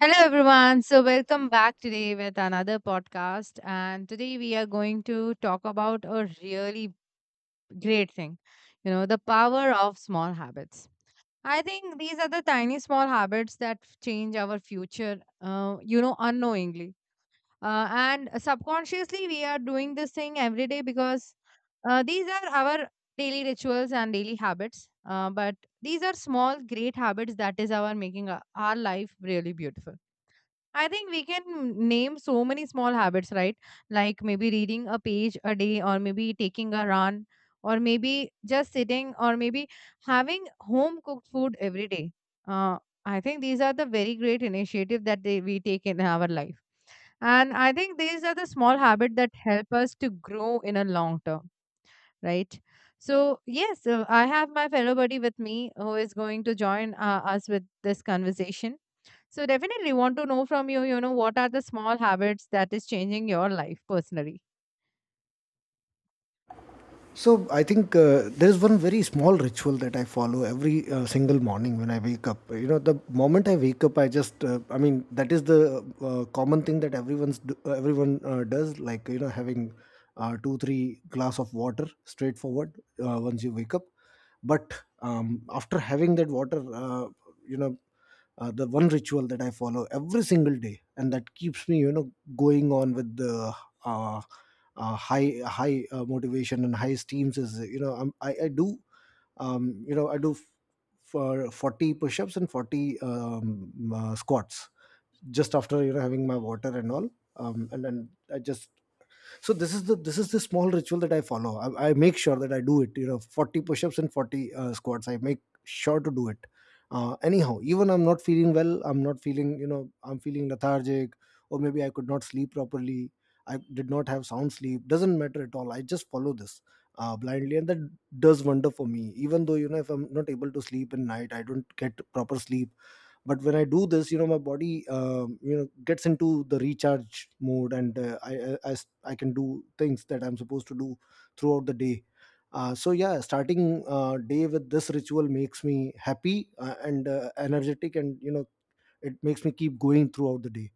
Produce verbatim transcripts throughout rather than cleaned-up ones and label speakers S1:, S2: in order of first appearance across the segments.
S1: Hello, everyone. So, welcome back today with another podcast. And today we are going to talk about a really great thing, you know, the power of small habits. I think these are the tiny small habits that f- change our future, uh, you know, unknowingly. Uh, and subconsciously, we are doing this thing every day because uh, these are our daily rituals and daily habits. Uh, but these are small, great habits that is our making our our life really beautiful. I think we can name so many small habits, right? Like maybe reading a page a day, or maybe taking a run, or maybe just sitting, or maybe having home cooked food every day. Uh, I think these are the very great initiative that they, we take in our life. And I think these are the small habit that help us to grow in a long term, right? So yes, uh, I have my fellow buddy with me who is going to join uh, us with this conversation. So definitely want to know from you, you know, what are the small habits that is changing your life personally?
S2: So I think uh, there is one very small ritual that I follow every uh, single morning when I wake up. You know, the moment I wake up, I just, uh, I mean, that is the uh, common thing that everyone's do, uh, everyone uh, does, like you know, having uh, two three glass of water straightforward uh, once you wake up. But um, after having that water uh, you know uh, the one ritual that I follow every single day and that keeps me, you know, going on with the uh, uh, high high uh, motivation and high steams is, you know, I'm, I, I do um, you know i do f- for forty push-ups and forty um, uh, squats just after, you know, having my water and all. Um, and then I just— so this is the this is the small ritual that I follow. I, I make sure that I do it, you know, forty push-ups and forty uh, squats. I make sure to do it uh, anyhow. Even I'm not feeling well, I'm not feeling, you know, I'm feeling lethargic, or maybe I could not sleep properly, I did not have sound sleep, doesn't matter at all, I just follow this uh, blindly, and that does wonder for me. Even though, you know, if I'm not able to sleep in night, I don't get proper sleep, but when I do this, you know, my body, um, you know, gets into the recharge mode, and uh, I, I I s- I can do things that I'm supposed to do throughout the day. Uh, so yeah, starting uh, day with this ritual makes me happy, uh, and uh, energetic, and you know, it makes me keep going throughout the day.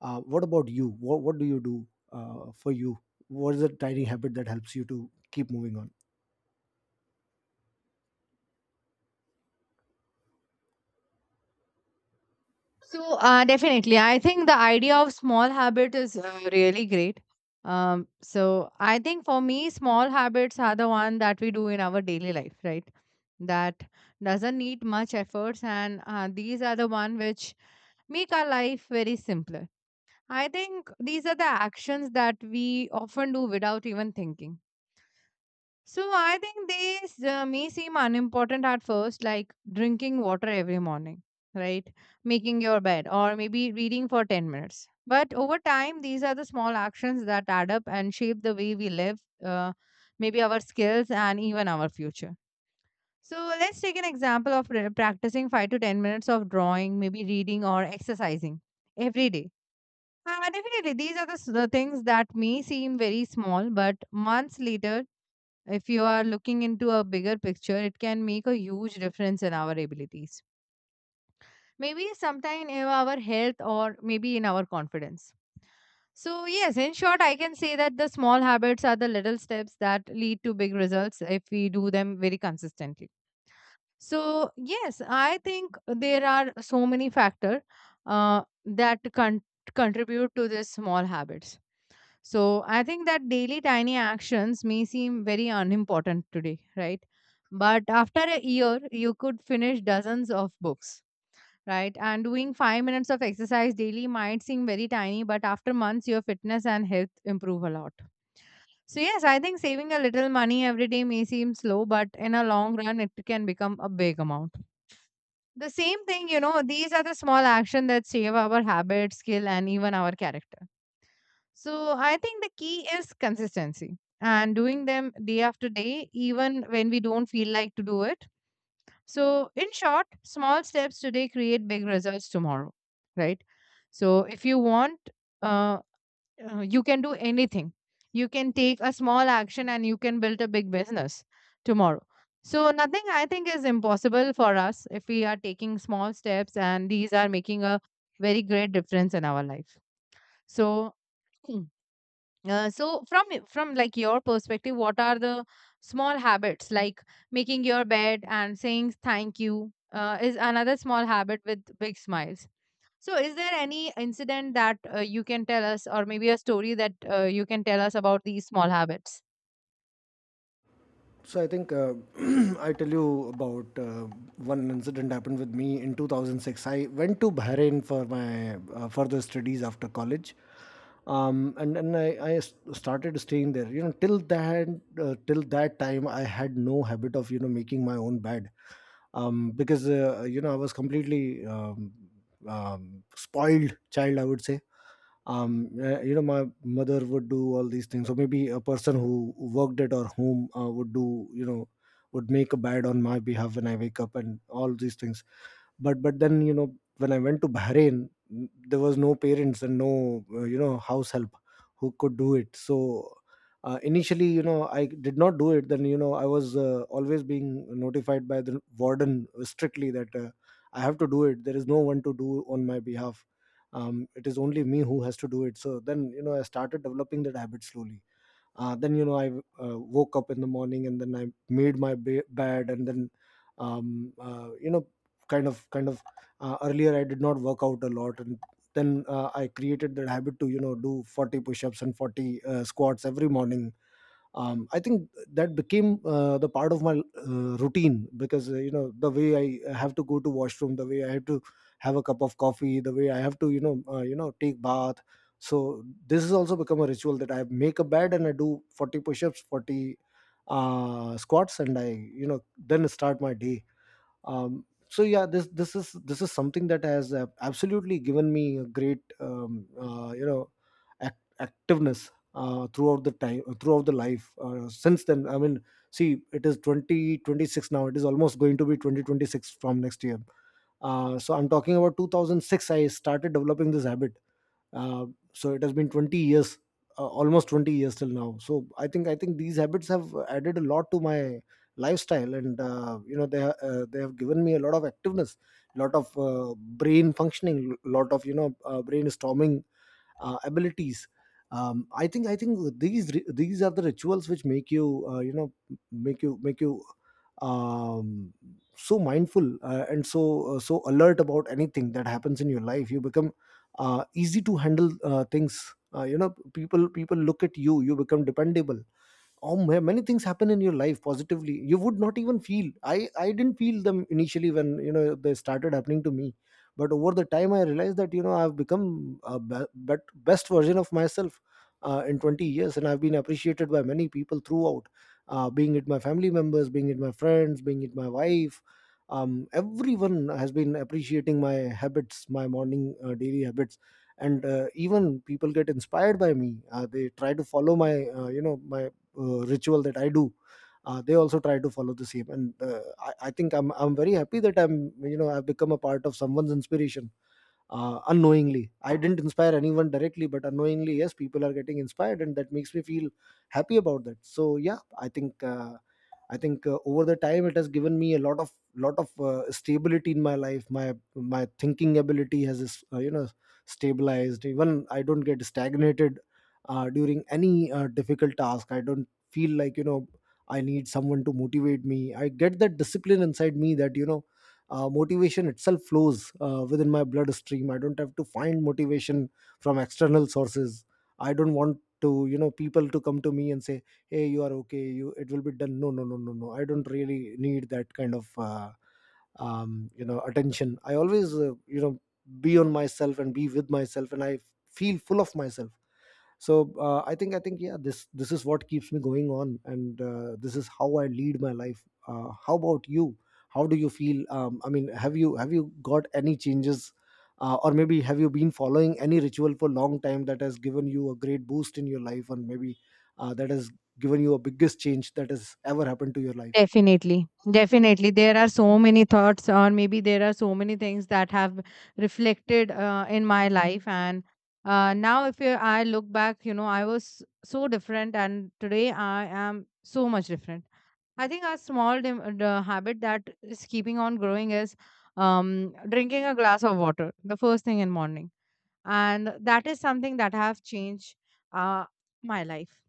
S2: uh, What about you? What, what do you do uh, for you? What is the tiny habit that helps you to keep moving on?
S1: So uh, definitely, I think the idea of small habit is uh, really great. Um, so I think for me, small habits are the one that we do in our daily life, right? That doesn't need much efforts, and uh, these are the one which make our life very simpler. I think these are the actions that we often do without even thinking. So I think these uh, may seem unimportant at first, like drinking water every morning, right? Making your bed, or maybe reading for ten minutes. But over time, these are the small actions that add up and shape the way we live, uh, maybe our skills, and even our future. So let's take an example of pra- practicing five to ten minutes of drawing, maybe reading or exercising every day. Uh, definitely, these are the s- the things that may seem very small, but months later, if you are looking into a bigger picture, it can make a huge difference in our abilities. Maybe sometime in our health or maybe in our confidence. So, yes, in short, I can say that the small habits are the little steps that lead to big results if we do them very consistently. So, yes, I think there are so many factors uh, that con- contribute to these small habits. So, I think that daily tiny actions may seem very unimportant today, right? But after a year, you could finish dozens of books, right? And doing five minutes of exercise daily might seem very tiny, but after months, your fitness and health improve a lot. So, yes, I think saving a little money every day may seem slow, but in a long run, it can become a big amount. The same thing, you know, these are the small actions that save our habit, skill, and even our character. So, I think the key is consistency and doing them day after day, even when we don't feel like to do it. So, in short, small steps today create big results tomorrow, right? So, if you want, uh, uh, you can do anything. You can take a small action and you can build a big business tomorrow. So, nothing I think is impossible for us if we are taking small steps and these are making a very great difference in our life. So, uh, so from y- from like your perspective, what are the small habits like making your bed and saying thank you uh, is another small habit with big smiles. So is there any incident that uh, you can tell us or maybe a story that uh, you can tell us about these small habits?
S2: So I think uh, I tell you about uh, one incident happened with me in two thousand six. I went to Bahrain for my uh, further studies after college. Um, and and I, I s- started staying there. You know, till that uh, till that time, I had no habit of, you know, making my own bed, um, because, uh, you know, I was completely um, um, spoiled child, I would say. Um uh, you know, my mother would do all these things, or maybe a person who worked at or home uh, would do, you know, would make a bed on my behalf when I wake up and all these things. But but then, you know, when I went to Bahrain, n- there was no parents and no uh, you know, house help who could do it. So uh, initially, you know, I did not do it. Then, you know, I was uh, always being notified by the warden strictly that uh, I have to do it. There is no one to do on my behalf. Um, it is only me who has to do it. So then, you know, I started developing that habit slowly. Uh, then, you know, I uh, woke up in the morning, and then I made my ba- bed, and then, um, uh, you know, kind of kind of uh, earlier I did not work out a lot, and then uh, I created that habit to, you know, do forty push-ups and forty uh, squats every morning. um, I think that became uh, the part of my uh, routine, because, uh, you know, the way I have to go to washroom, the way I have to have a cup of coffee, the way I have to, you know, uh, you know take bath, so this has also become a ritual that I make a bed and I do forty push-ups, forty uh, squats, and I, you know, then start my day. Um, so yeah, this this is this is something that has uh, absolutely given me a great um, uh, you know, act- activeness uh, throughout the time, throughout the life uh, since then. I mean, see, it is twenty twenty-six now, it is almost going to be twenty twenty-six from next year. Uh, so I'm talking about two thousand six I started developing this habit. uh, so it has been twenty years, uh, almost twenty years till now. So i think i think these habits have added a lot to my lifestyle, and, uh, you know, they ha- uh, they have given me a lot of activeness, lot of uh, brain functioning, lot of, you know, uh, brainstorming uh, abilities. Um, i think i think these ri- these are the rituals which make you, uh, you know, make you make you um, so mindful, uh, and so uh, so alert about anything that happens in your life. You become uh, easy to handle uh, things. Uh, you know, people people look at you, you become dependable. Oh ma- many things happen in your life positively. You would not even feel— i I didn't feel them initially when, you know, they started happening to me, but over the time I realized that, you know, I've become a be- bet- best version of myself uh, in twenty years, and I've been appreciated by many people throughout, uh, being it my family members, being it my friends, being it my wife. Um, everyone has been appreciating my habits, my morning uh, daily habits. And uh, even people get inspired by me. Uh, they try to follow my, uh, you know, my uh, ritual that I do. Uh, they also try to follow the same. And uh, I, I think I'm I'm very happy that I'm, you know, I've become a part of someone's inspiration uh, unknowingly. I didn't inspire anyone directly, but unknowingly, yes, people are getting inspired, and that makes me feel happy about that. So yeah, I think uh, I think uh, over the time it has given me a lot of lot of uh, stability in my life. My my thinking ability has, uh, you know, stabilized. Even I don't get stagnated uh, during any uh, difficult task. I don't feel like, you know, I need someone to motivate me. I get that discipline inside me that, you know, uh, motivation itself flows uh, within my bloodstream. I don't have to find motivation from external sources. I don't want to, you know, people to come to me and say, hey, you are okay, you, it will be done. No, no, no, no, no, I don't really need that kind of uh, um, you know, attention. I always, uh, you know, be on myself and be with myself, and I feel full of myself. So uh, i think i think yeah, this this is what keeps me going on, and uh, this is how I lead my life. Uh, how about you? How do you feel? um, I mean, have you have you got any changes, uh, or maybe have you been following any ritual for a long time that has given you a great boost in your life, and maybe uh, that has given you a biggest change that has ever happened to your life?
S1: Definitely, definitely. There are so many thoughts, or maybe there are so many things that have reflected uh, in my life. And uh, now, if you, I look back, you know, I was so different, and today I am so much different. I think a small dim- the habit that is keeping on growing is um, drinking a glass of water the first thing in morning, and that is something that have changed uh, my life.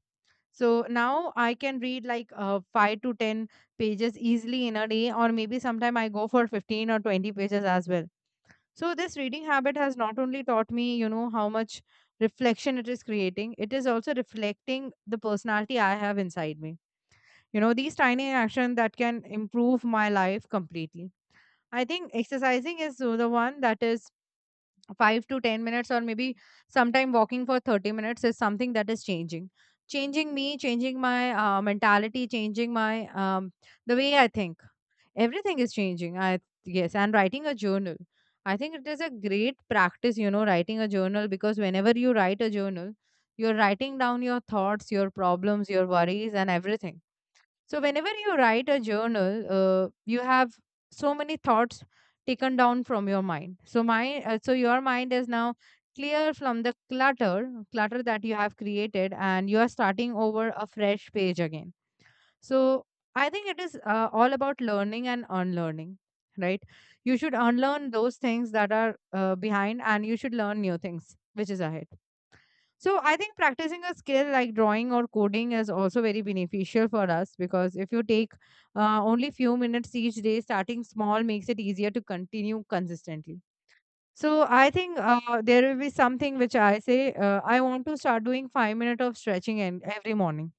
S1: So now I can read like uh, five to ten pages easily in a day, or maybe sometime I go for fifteen or twenty pages as well. So this reading habit has not only taught me, you know, how much reflection it is creating, it is also reflecting the personality I have inside me. You know, these tiny actions that can improve my life completely. I think exercising is the the one that is five to ten minutes or maybe sometime walking for thirty minutes is something that is changing changing me, changing my uh, mentality, changing my um, the way I think, everything is changing. I Yes, and writing a journal, I think it is a great practice, you know writing a journal, because whenever you write a journal you're writing down your thoughts, your problems, your worries and everything. So, whenever you write a journal, uh, you have so many thoughts taken down from your mind. So, my uh, so your mind is now clear from the clutter, clutter that you have created, and you are starting over a fresh page again. So, I think it is uh, all about learning and unlearning, right? You should unlearn those things that are uh, behind, and you should learn new things, which is ahead. So I think practicing a skill like drawing or coding is also very beneficial for us because if you take uh, only few minutes each day, starting small makes it easier to continue consistently. So I think uh, there will be something which I say uh, I want to start doing five minutes of stretching and every morning.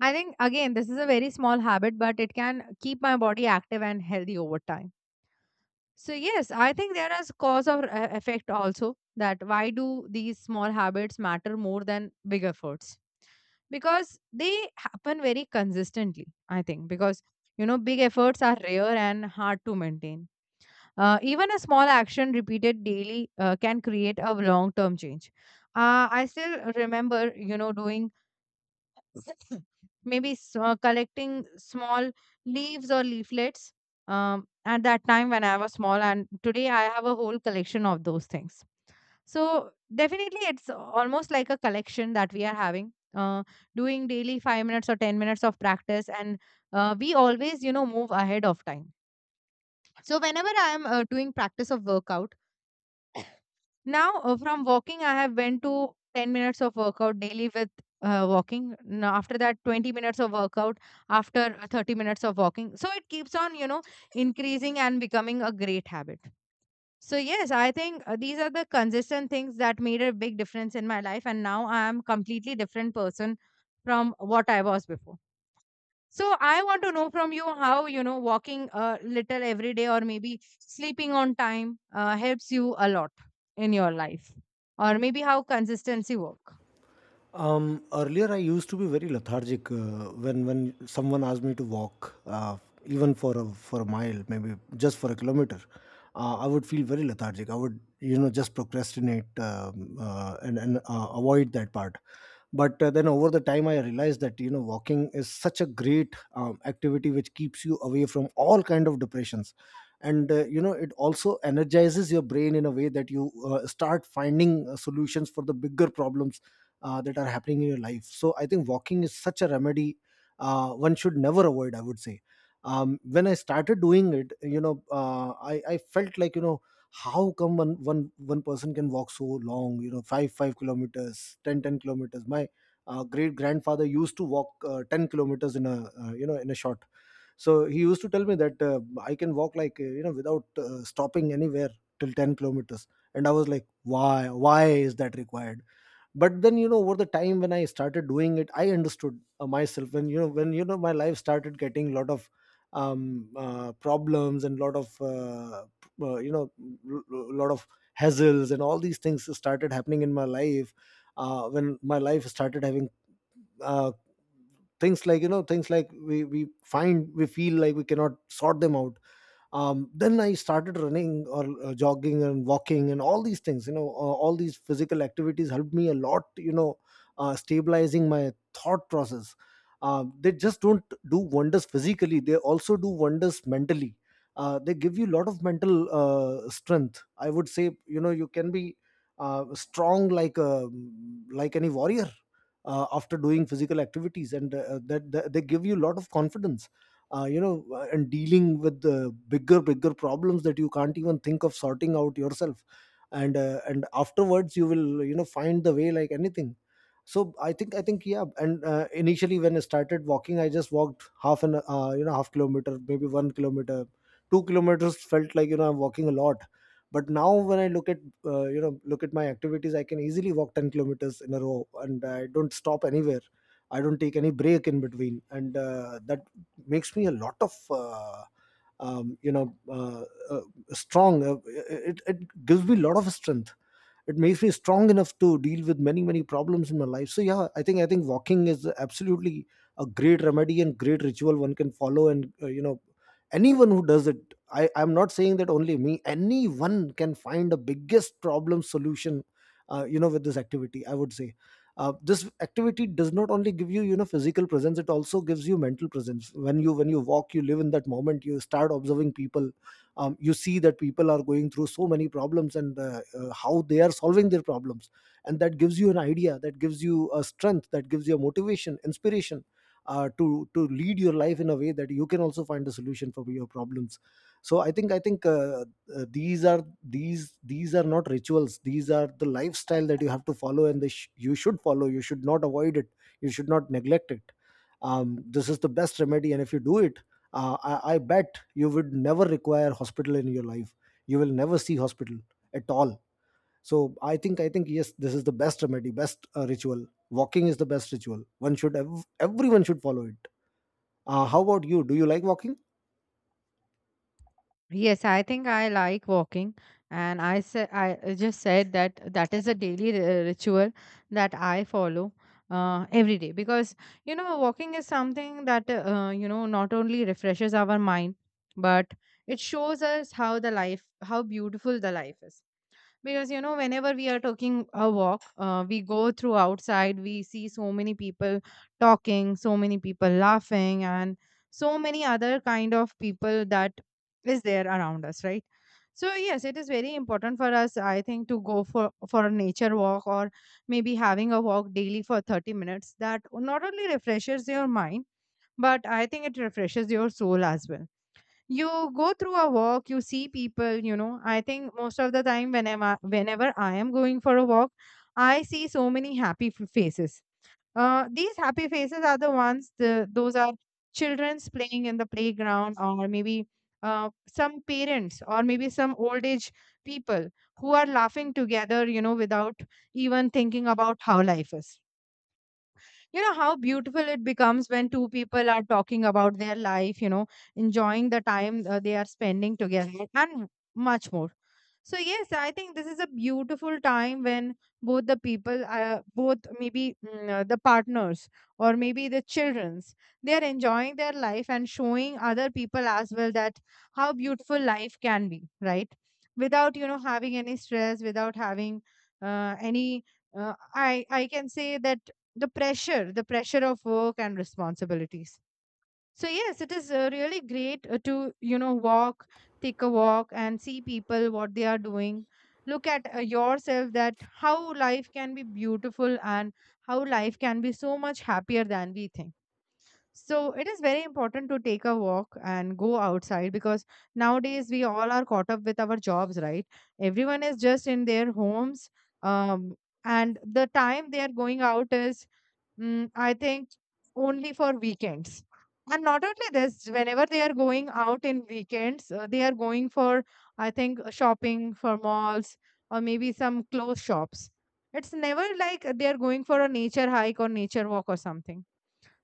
S1: I think again this is a very small habit, but it can keep my body active and healthy over time. So yes, I think there is cause or uh, effect also that why do these small habits matter more than big efforts. Because they happen very consistently, I think, because you know big efforts are rare and hard to maintain. Uh, even a small action repeated daily uh, can create a long term change. Uh, i still remember you know doing maybe s- uh, collecting small leaves or leaflets, um, at that time when I was small and today I have a whole collection of those things. So definitely, it's almost like a collection that we are having, uh, doing daily five minutes or ten minutes of practice, and uh, we always, you know, move ahead of time. So whenever I am uh, doing practice of workout, now uh, from walking, I have went to ten minutes of workout daily with uh, walking. Now after that, twenty minutes of workout. After uh, thirty minutes of walking, so it keeps on, you know, increasing and becoming a great habit. So yes, I think uh, these are the consistent things that made a big difference in my life and now I am completely different person from what I was before. So I want to know from you how, you know, walking a little every day or maybe sleeping on time uh, helps you a lot in your life or maybe how consistency work.
S2: Um, earlier, I used to be very lethargic uh, when when someone asked me to walk, uh, even for a, for a mile, maybe just for a kilometer. Uh, I would feel very lethargic. I would, you know, just procrastinate, um, uh, and and uh, avoid that part. But uh, then, over the time, I realized that, you know, walking is such a great um, activity, which keeps you away from all kind of depressions, and, uh, you know, it also energizes your brain in a way that you uh, start finding uh, solutions for the bigger problems uh, that are happening in your life. So I think walking is such a remedy uh, one should never avoid, I would say. Um, when I started doing it, you know, uh, I, I felt like, you know, how come one one one person can walk so long, you know, five five kilometers, ten ten kilometers. My uh, great grandfather used to walk uh, ten kilometers in a, uh, you know, in a shot. So he used to tell me that uh, I can walk like, uh, you know, without uh, stopping anywhere till ten kilometers. And I was like, why why is that required? But then, you know, over the time when I started doing it, I understood uh, myself when, you know, when you know my life started getting a lot of um, uh, problems and lot of uh, p- uh, you know a lot of hassles, and all these things started happening in my life. Uh, when my life started having uh, things like, you know, things like we we find, we feel like we cannot sort them out. Um, then I started running, or uh, jogging, and walking, and all these things, you know. Uh, all these physical activities helped me a lot, you know uh, stabilizing my thought process. Uh, they just don't do wonders physically, they also do wonders mentally. Uh, they give you a lot of mental uh, strength, I would say. You know you can be uh, strong like a, like any warrior uh, after doing physical activities, and uh, that, that they give you a lot of confidence, uh, you know and dealing with the bigger bigger problems that you can't even think of sorting out yourself. And uh, and afterwards you will, you know, find the way like anything. So i think i think yeah, and uh, initially when I started walking, I just walked half an uh, you know, half kilometer, maybe one kilometer, two kilometers, felt like, you know, I'm walking a lot. But now when I look at, uh, you know look at my activities, I can easily walk ten kilometers in a row, and I don't stop anywhere, I don't take any break in between. And uh, that makes me a lot of uh, um, you know uh, uh, strong. Uh, it, it gives me a lot of strength, it makes me strong enough to deal with many many problems in my life. So yeah, i think i think walking is absolutely a great remedy and great ritual one can follow. And uh, you know anyone who does it, i i'm not saying that only me, anyone can find a biggest problem solution uh, you know with this activity, I would say. Uh, this activity does not only give you, you know, physical presence, it also gives you mental presence. When you when you walk, you live in that moment, you start observing people. Um, you see that people are going through so many problems, and uh, uh, how they are solving their problems. And that gives you an idea, that gives you a strength, that gives you a motivation, inspiration uh, to to lead your life in a way that you can also find a solution for your problems. So i think i think uh, uh, these are, these these are not rituals, these are the lifestyle that you have to follow, and they sh- you should follow, you should not avoid it, you should not neglect it. Um, this is the best remedy, and if you do it, uh, I, I bet you would never require hospital in your life, you will never see hospital at all. So i think i think yes, this is the best remedy, best uh, ritual. Walking is the best ritual one should, ev- everyone should follow it. Uh, how about you, do you like walking?
S1: Yes, I think I like walking, and I said I just said that that is a daily ri- uh, ritual that I follow uh, every day, because you know walking is something that uh, you know not only refreshes our mind but it shows us how the life, how beautiful the life is, because you know whenever we are taking a walk uh, we go through outside, we see so many people talking, so many people laughing and so many other kind of people that is there around us, right? So yes, it is very important for us, I think, to go for for a nature walk or maybe having a walk daily for thirty minutes that not only refreshes your mind, but I think it refreshes your soul as well. You go through a walk, you see people. you know I think most of the time, whenever whenever I am going for a walk, I see so many happy f- faces. Uh these happy faces are the ones, the those are children's playing in the playground or maybe uh, some parents or maybe some old age people who are laughing together, you know without even thinking about how life is, you know how beautiful it becomes when two people are talking about their life, you know enjoying the time uh, they are spending together and much more. So yes, I think this is a beautiful time when both the people, uh, both maybe mm, uh, the partners, or maybe the children's, they are enjoying their life and showing other people as well that how beautiful life can be, right? Without you know having any stress, without having uh, any uh, I I can say that, the pressure the pressure of work and responsibilities. So yes, it is uh, really great uh, to you know walk, take a walk and see people what they are doing. Look at uh, yourself that how life can be beautiful and how life can be so much happier than we think. So it is very important to take a walk and go outside, because nowadays we all are caught up with our jobs, right? Everyone is just in their homes. um, and the time they are going out is, Mm, I think, only for weekends. And not only this, whenever they are going out in weekends, uh, they are going for, I think, uh, shopping for malls or maybe some clothes shops. It's never like they are going for a nature hike or nature walk or something.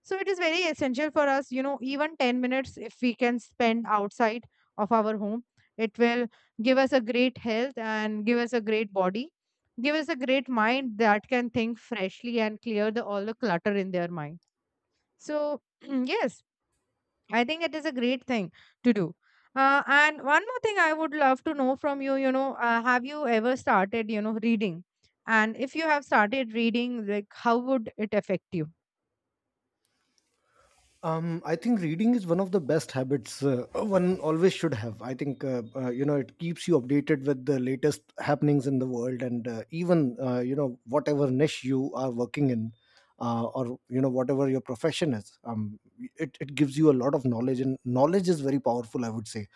S1: So it is very essential for us, you know, even ten minutes if we can spend outside of our home, it will give us a great health and give us a great body, give us a great mind that can think freshly and clear the all the clutter in their mind. So yes, I think it is a great thing to do. Uh, and one more thing I would love to know from you, you know, uh, have you ever started, you know, reading? And if you have started reading, like how would it affect you?
S2: Um, I think reading is one of the best habits uh, one always should have. I think uh, uh, you know, it keeps you updated with the latest happenings in the world, and uh, even, uh, you know, whatever niche you are working in, uh, or you know whatever your profession is. Um, it it gives you a lot of knowledge, and knowledge is very powerful. I would say,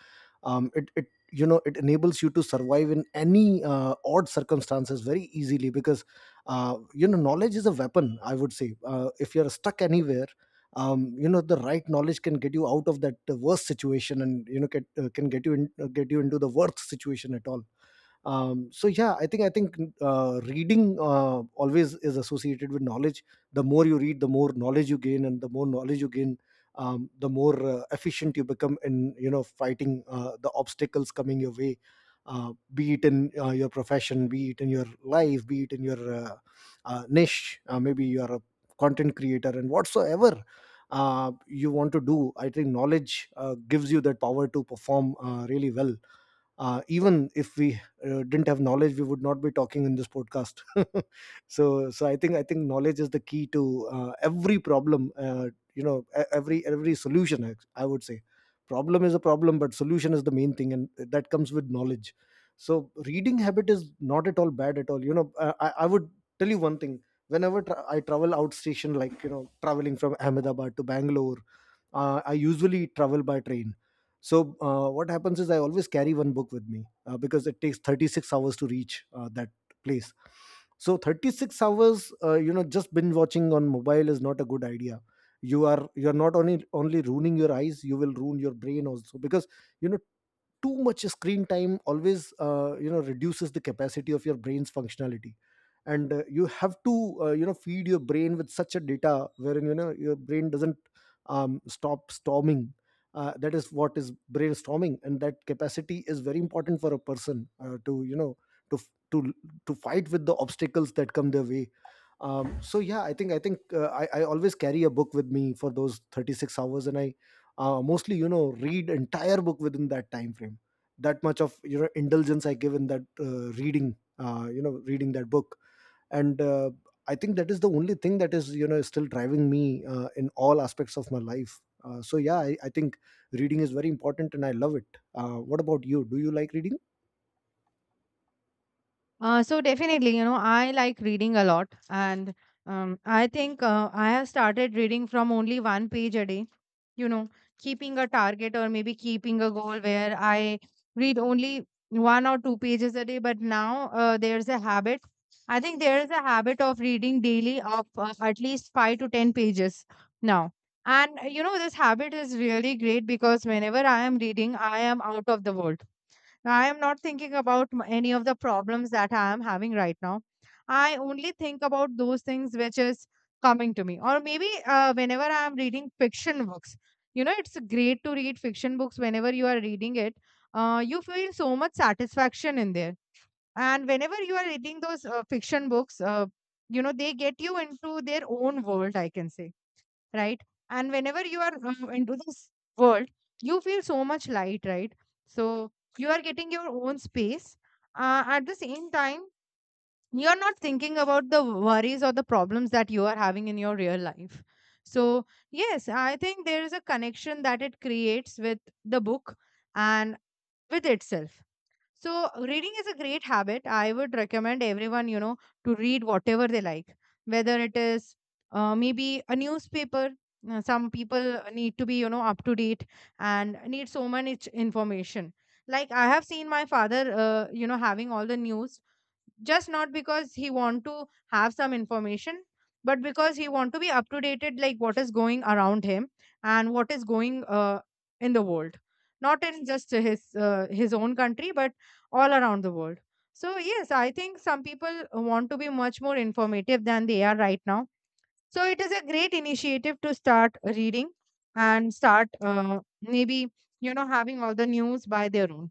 S2: um, it it you know, it enables you to survive in any uh, odd circumstances very easily, because uh, you know, knowledge is a weapon. I would say, uh, if you're stuck anywhere, um, you know, the right knowledge can get you out of that uh, worst situation, and you know, get, uh, can get you in, uh, get you into the worst situation at all. Um, so yeah, i think i think uh, reading uh, always is associated with knowledge. The more you read, the more knowledge you gain, and the more knowledge you gain, um, the more uh, efficient you become in, you know, fighting uh, the obstacles coming your way, uh, be it in uh, your profession, be it in your life, be it in your uh, uh, niche. Uh, maybe you are a content creator and whatsoever uh, you want to do, I think knowledge uh, gives you that power to perform uh, really well. Uh, even if we uh, didn't have knowledge, we would not be talking in this podcast so so i think i think knowledge is the key to uh, every problem, uh, you know e- every every solution. i I would say, problem is a problem, but solution is the main thing, and that comes with knowledge. So reading habit is not at all bad at all, you know, uh, i, I would tell you one thing. Whenever, tra- I travel out station, like you know, traveling from Ahmedabad to Bangalore, uh, I usually travel by train. So uh, what happens is, I always carry one book with me, uh, because it takes thirty-six hours to reach uh, that place. So thirty-six hours, uh, you know, just binge watching on mobile is not a good idea. You are you are not only only ruining your eyes, you will ruin your brain also, because you know, too much screen time always, uh, you know, reduces the capacity of your brain's functionality. And uh, you have to, uh, you know, feed your brain with such a data wherein, you know, your brain doesn't, um, stop storming. Uh, that is what is brainstorming, and that capacity is very important for a person uh, to, you know, to to to fight with the obstacles that come their way. Um, so yeah, i think i think uh, I, I always carry a book with me for those thirty-six hours, and i uh, mostly, you know, read entire book within that time frame. That much of, you know, indulgence I give in that uh, reading, uh, you know, reading that book. And uh, I think that is the only thing that is, you know, still driving me uh, in all aspects of my life. Uh, so yeah, I, I think reading is very important and I love it. Uh, what about you, do you like reading?
S1: Uh, so definitely, you know, I like reading a lot, and um, I think uh, I have started reading from only one page a day. You know, keeping a target or maybe keeping a goal where I read only one or two pages a day. But now uh, there's a habit. I think there is a habit of reading daily of uh, at least five to ten pages now. And uh, you know, this habit is really great because whenever I am reading, I am out of the world. I am not thinking about m- any of the problems that I am having right now. I only think about those things which is coming to me. Or maybe uh, whenever I am reading fiction books, you know, it's great to read fiction books. Whenever you are reading it, uh, you feel so much satisfaction in there. And whenever you are reading those uh, fiction books, uh, you know, they get you into their own world, I can say, right? And whenever you are um, into this world, you feel so much light, right? So you are getting your own space. Uh, at the same time, you're not thinking about the worries or the problems that you are having in your real life. So, yes, I think there is a connection that it creates with the book and with itself. So, reading is a great habit. I would recommend everyone, you know, to read whatever they like, whether it is uh, maybe a newspaper. Uh, Some people need to be, you know, up to date and need so much information. Like I have seen my father, uh, you know, having all the news, just not because he want to have some information, but because he want to be up to dated, like what is going around him and what is going uh, in the world, not in just his uh, his own country, but all around the world. So yes, I think some people want to be much more informative than they are right now. So it is a great initiative to start reading and start uh, maybe, you know, having all the news by their own.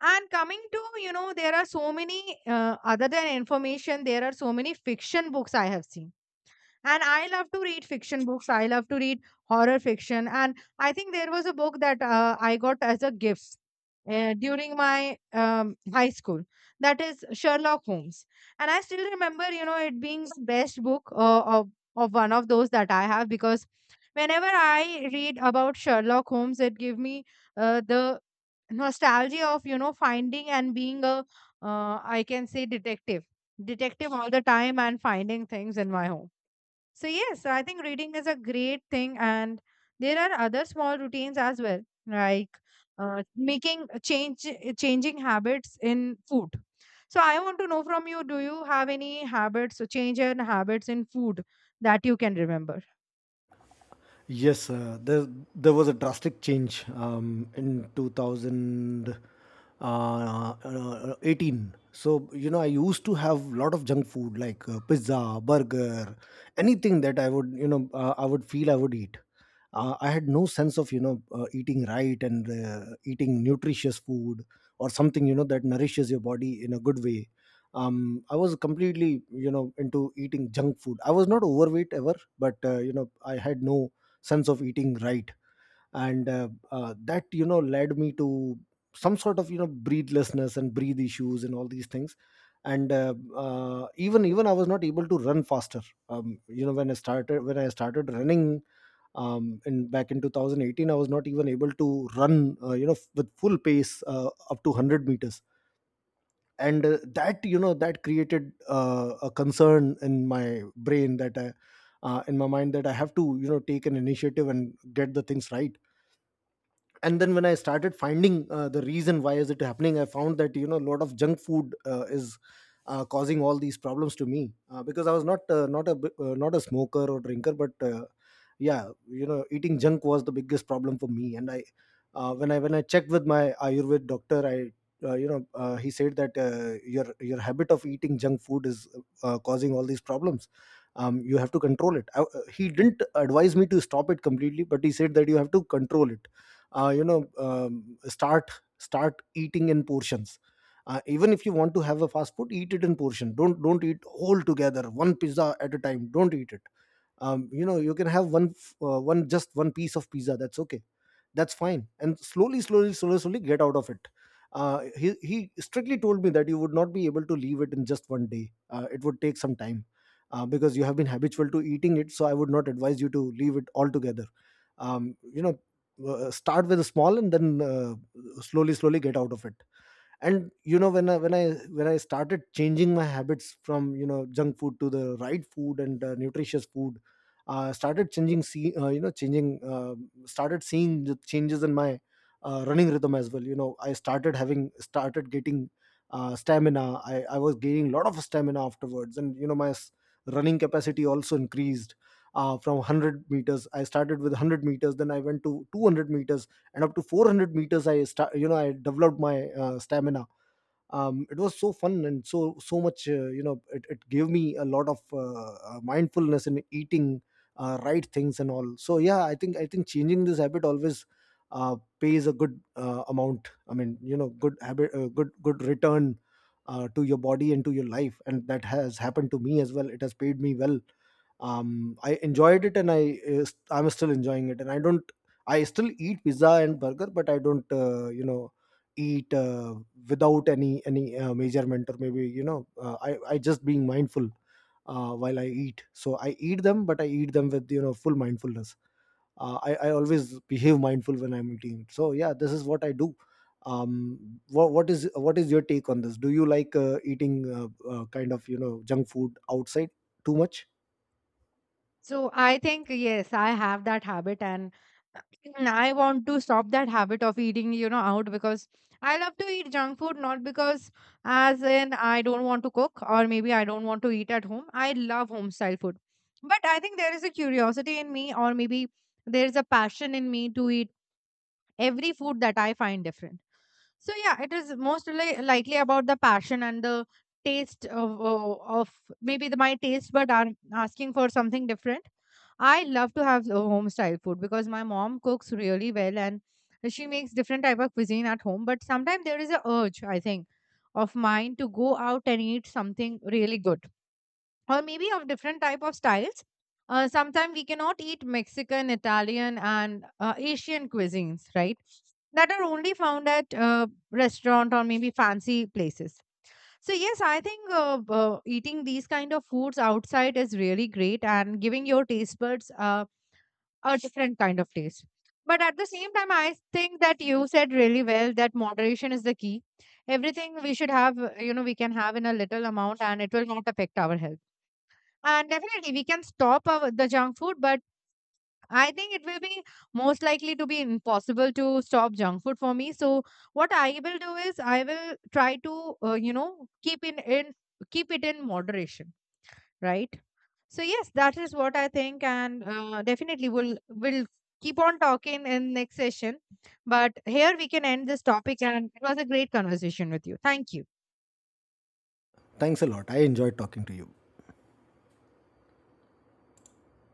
S1: And coming to, you know, there are so many, uh, other than information, there are so many fiction books I have seen. And I love to read fiction books. I love to read horror fiction. And I think there was a book that uh, I got as a gift uh, during my um, high school. That is Sherlock Holmes. And I still remember, you know, it being the best book uh, of, of one of those that I have, because whenever I read about Sherlock Holmes, it gave me uh, the nostalgia of, you know, finding and being a, uh, I can say, detective. Detective all the time and finding things in my home. So, yes, I think reading is a great thing, and there are other small routines as well, like uh, making uh, change, uh, changing habits in food. So, I want to know from you, do you have any habits, so change in habits in food that you can remember?
S2: Yes, uh, there there was a drastic change um, in twenty eighteen. Uh, uh, so you know, I used to have a lot of junk food like uh, pizza, burger, anything that I would, you know, uh, I would feel I would eat. Uh, I had no sense of, you know, uh, eating right and uh, eating nutritious food or something, you know, that nourishes your body in a good way. Um, I was completely, you know, into eating junk food. I was not overweight ever, but uh, you know, I had no sense of eating right, and uh, uh, that you know, led me to some sort of, you know, breathlessness and breathe issues and all these things. And uh, uh, even even I was not able to run faster. Um, you know, when i started when i started running, um, in back in two thousand eighteen I was not even able to run, uh, you know, with full pace uh, up to one hundred meters. And uh, that, you know, that created uh, a concern in my brain that, I, uh, in my mind, that I have to, you know, take an initiative and get the things right. And then when I started finding uh, the reason why is it happening, I found that, you know, a lot of junk food uh, is uh, causing all these problems to me uh, because I was not, uh, not a bi- uh, not a smoker or drinker. But uh, yeah, you know, eating junk was the biggest problem for me. And I uh, when I when I checked with my ayurved doctor, I uh, you know uh, he said that, uh, your your habit of eating junk food is uh, causing all these problems. Um, you have to control it. I, uh, he didn't advise me to stop it completely, but he said that you have to control it. uh, you know um, start Start eating in portions. Uh, even if you want to have a fast food, eat it in portion, don't don't eat all together one pizza at a time, don't eat it. Um, you know, you can have one f- uh, one just one piece of pizza, that's okay, that's fine, and slowly slowly slowly slowly get out of it. Uh, he, he strictly told me that you would not be able to leave it in just one day, uh, it would take some time uh, because you have been habitual to eating it, so I would not advise you to leave it altogether. um, you know uh, Start with a small and then, uh, slowly slowly get out of it. And you know, when I, when i when i started changing my habits from, you know, junk food to the right food and uh, nutritious food, uh, started changing see uh, you know changing uh, started seeing the changes in my uh, running rhythm as well. You know, i started having started getting uh, stamina. I, I was gaining a lot of stamina afterwards, and you know, my s- running capacity also increased. Uh, from one hundred meters i started with one hundred meters, then I went to two hundred meters, and up to four hundred meters I start you know, I developed my uh, stamina. Um, it was so fun and so so much, uh, you know, it, it gave me a lot of uh, uh, mindfulness in eating uh, right things and all. So yeah, i think i think changing this habit always uh, pays a good uh, amount, I mean, you know, good habit, uh, good good return uh, to your body and to your life, and that has happened to me as well, it has paid me well. um I enjoyed it, and i uh, I'm still enjoying it, and I don't I still eat pizza and burger, but I don't, uh, you know, eat uh, without any any uh, measurement, or maybe, you know, uh, i i just being mindful uh, while I eat, so I eat them, but I eat them with, you know, full mindfulness. uh, I, I always behave mindful when I'm eating. So yeah, this is what I do. um what, what is what is your take on this? Do you like uh, eating uh, uh, kind of, you know, junk food outside too much?
S1: So I think yes, I have that habit, and I want to stop that habit of eating, you know, out, because I love to eat junk food, not because as in I don't want to cook or maybe I don't want to eat at home. I love home style food. But I think there is a curiosity in me, or maybe there is a passion in me to eat every food that I find different. So yeah, it is most li- likely about the passion and the taste of, of of maybe the, my taste, but are asking for something different. I love to have uh, home style food because my mom cooks really well, and she makes different type of cuisine at home. But sometimes there is a urge, I think, of mine to go out and eat something really good, or maybe of different type of styles. Uh, sometimes we cannot eat Mexican, Italian and uh, Asian cuisines, right? That are only found at uh, restaurant or maybe fancy places. So yes, I think uh, uh, eating these kind of foods outside is really great and giving your taste buds uh, a different kind of taste. But at the same time, I think that you said really well, that moderation is the key. Everything we should have, uh, you know, we can have in a little amount, and it will not affect our health. And definitely, we can stop our, the junk food, but I think it will be most likely to be impossible to stop junk food for me. So what I will do is I will try to uh, you know, keep in in keep it in moderation, right? So yes, that is what I think, and uh, definitely we'll we'll keep on talking in next session. But here we can end this topic, and it was a great conversation with you. Thank you.
S2: Thanks a lot. I enjoyed talking to you.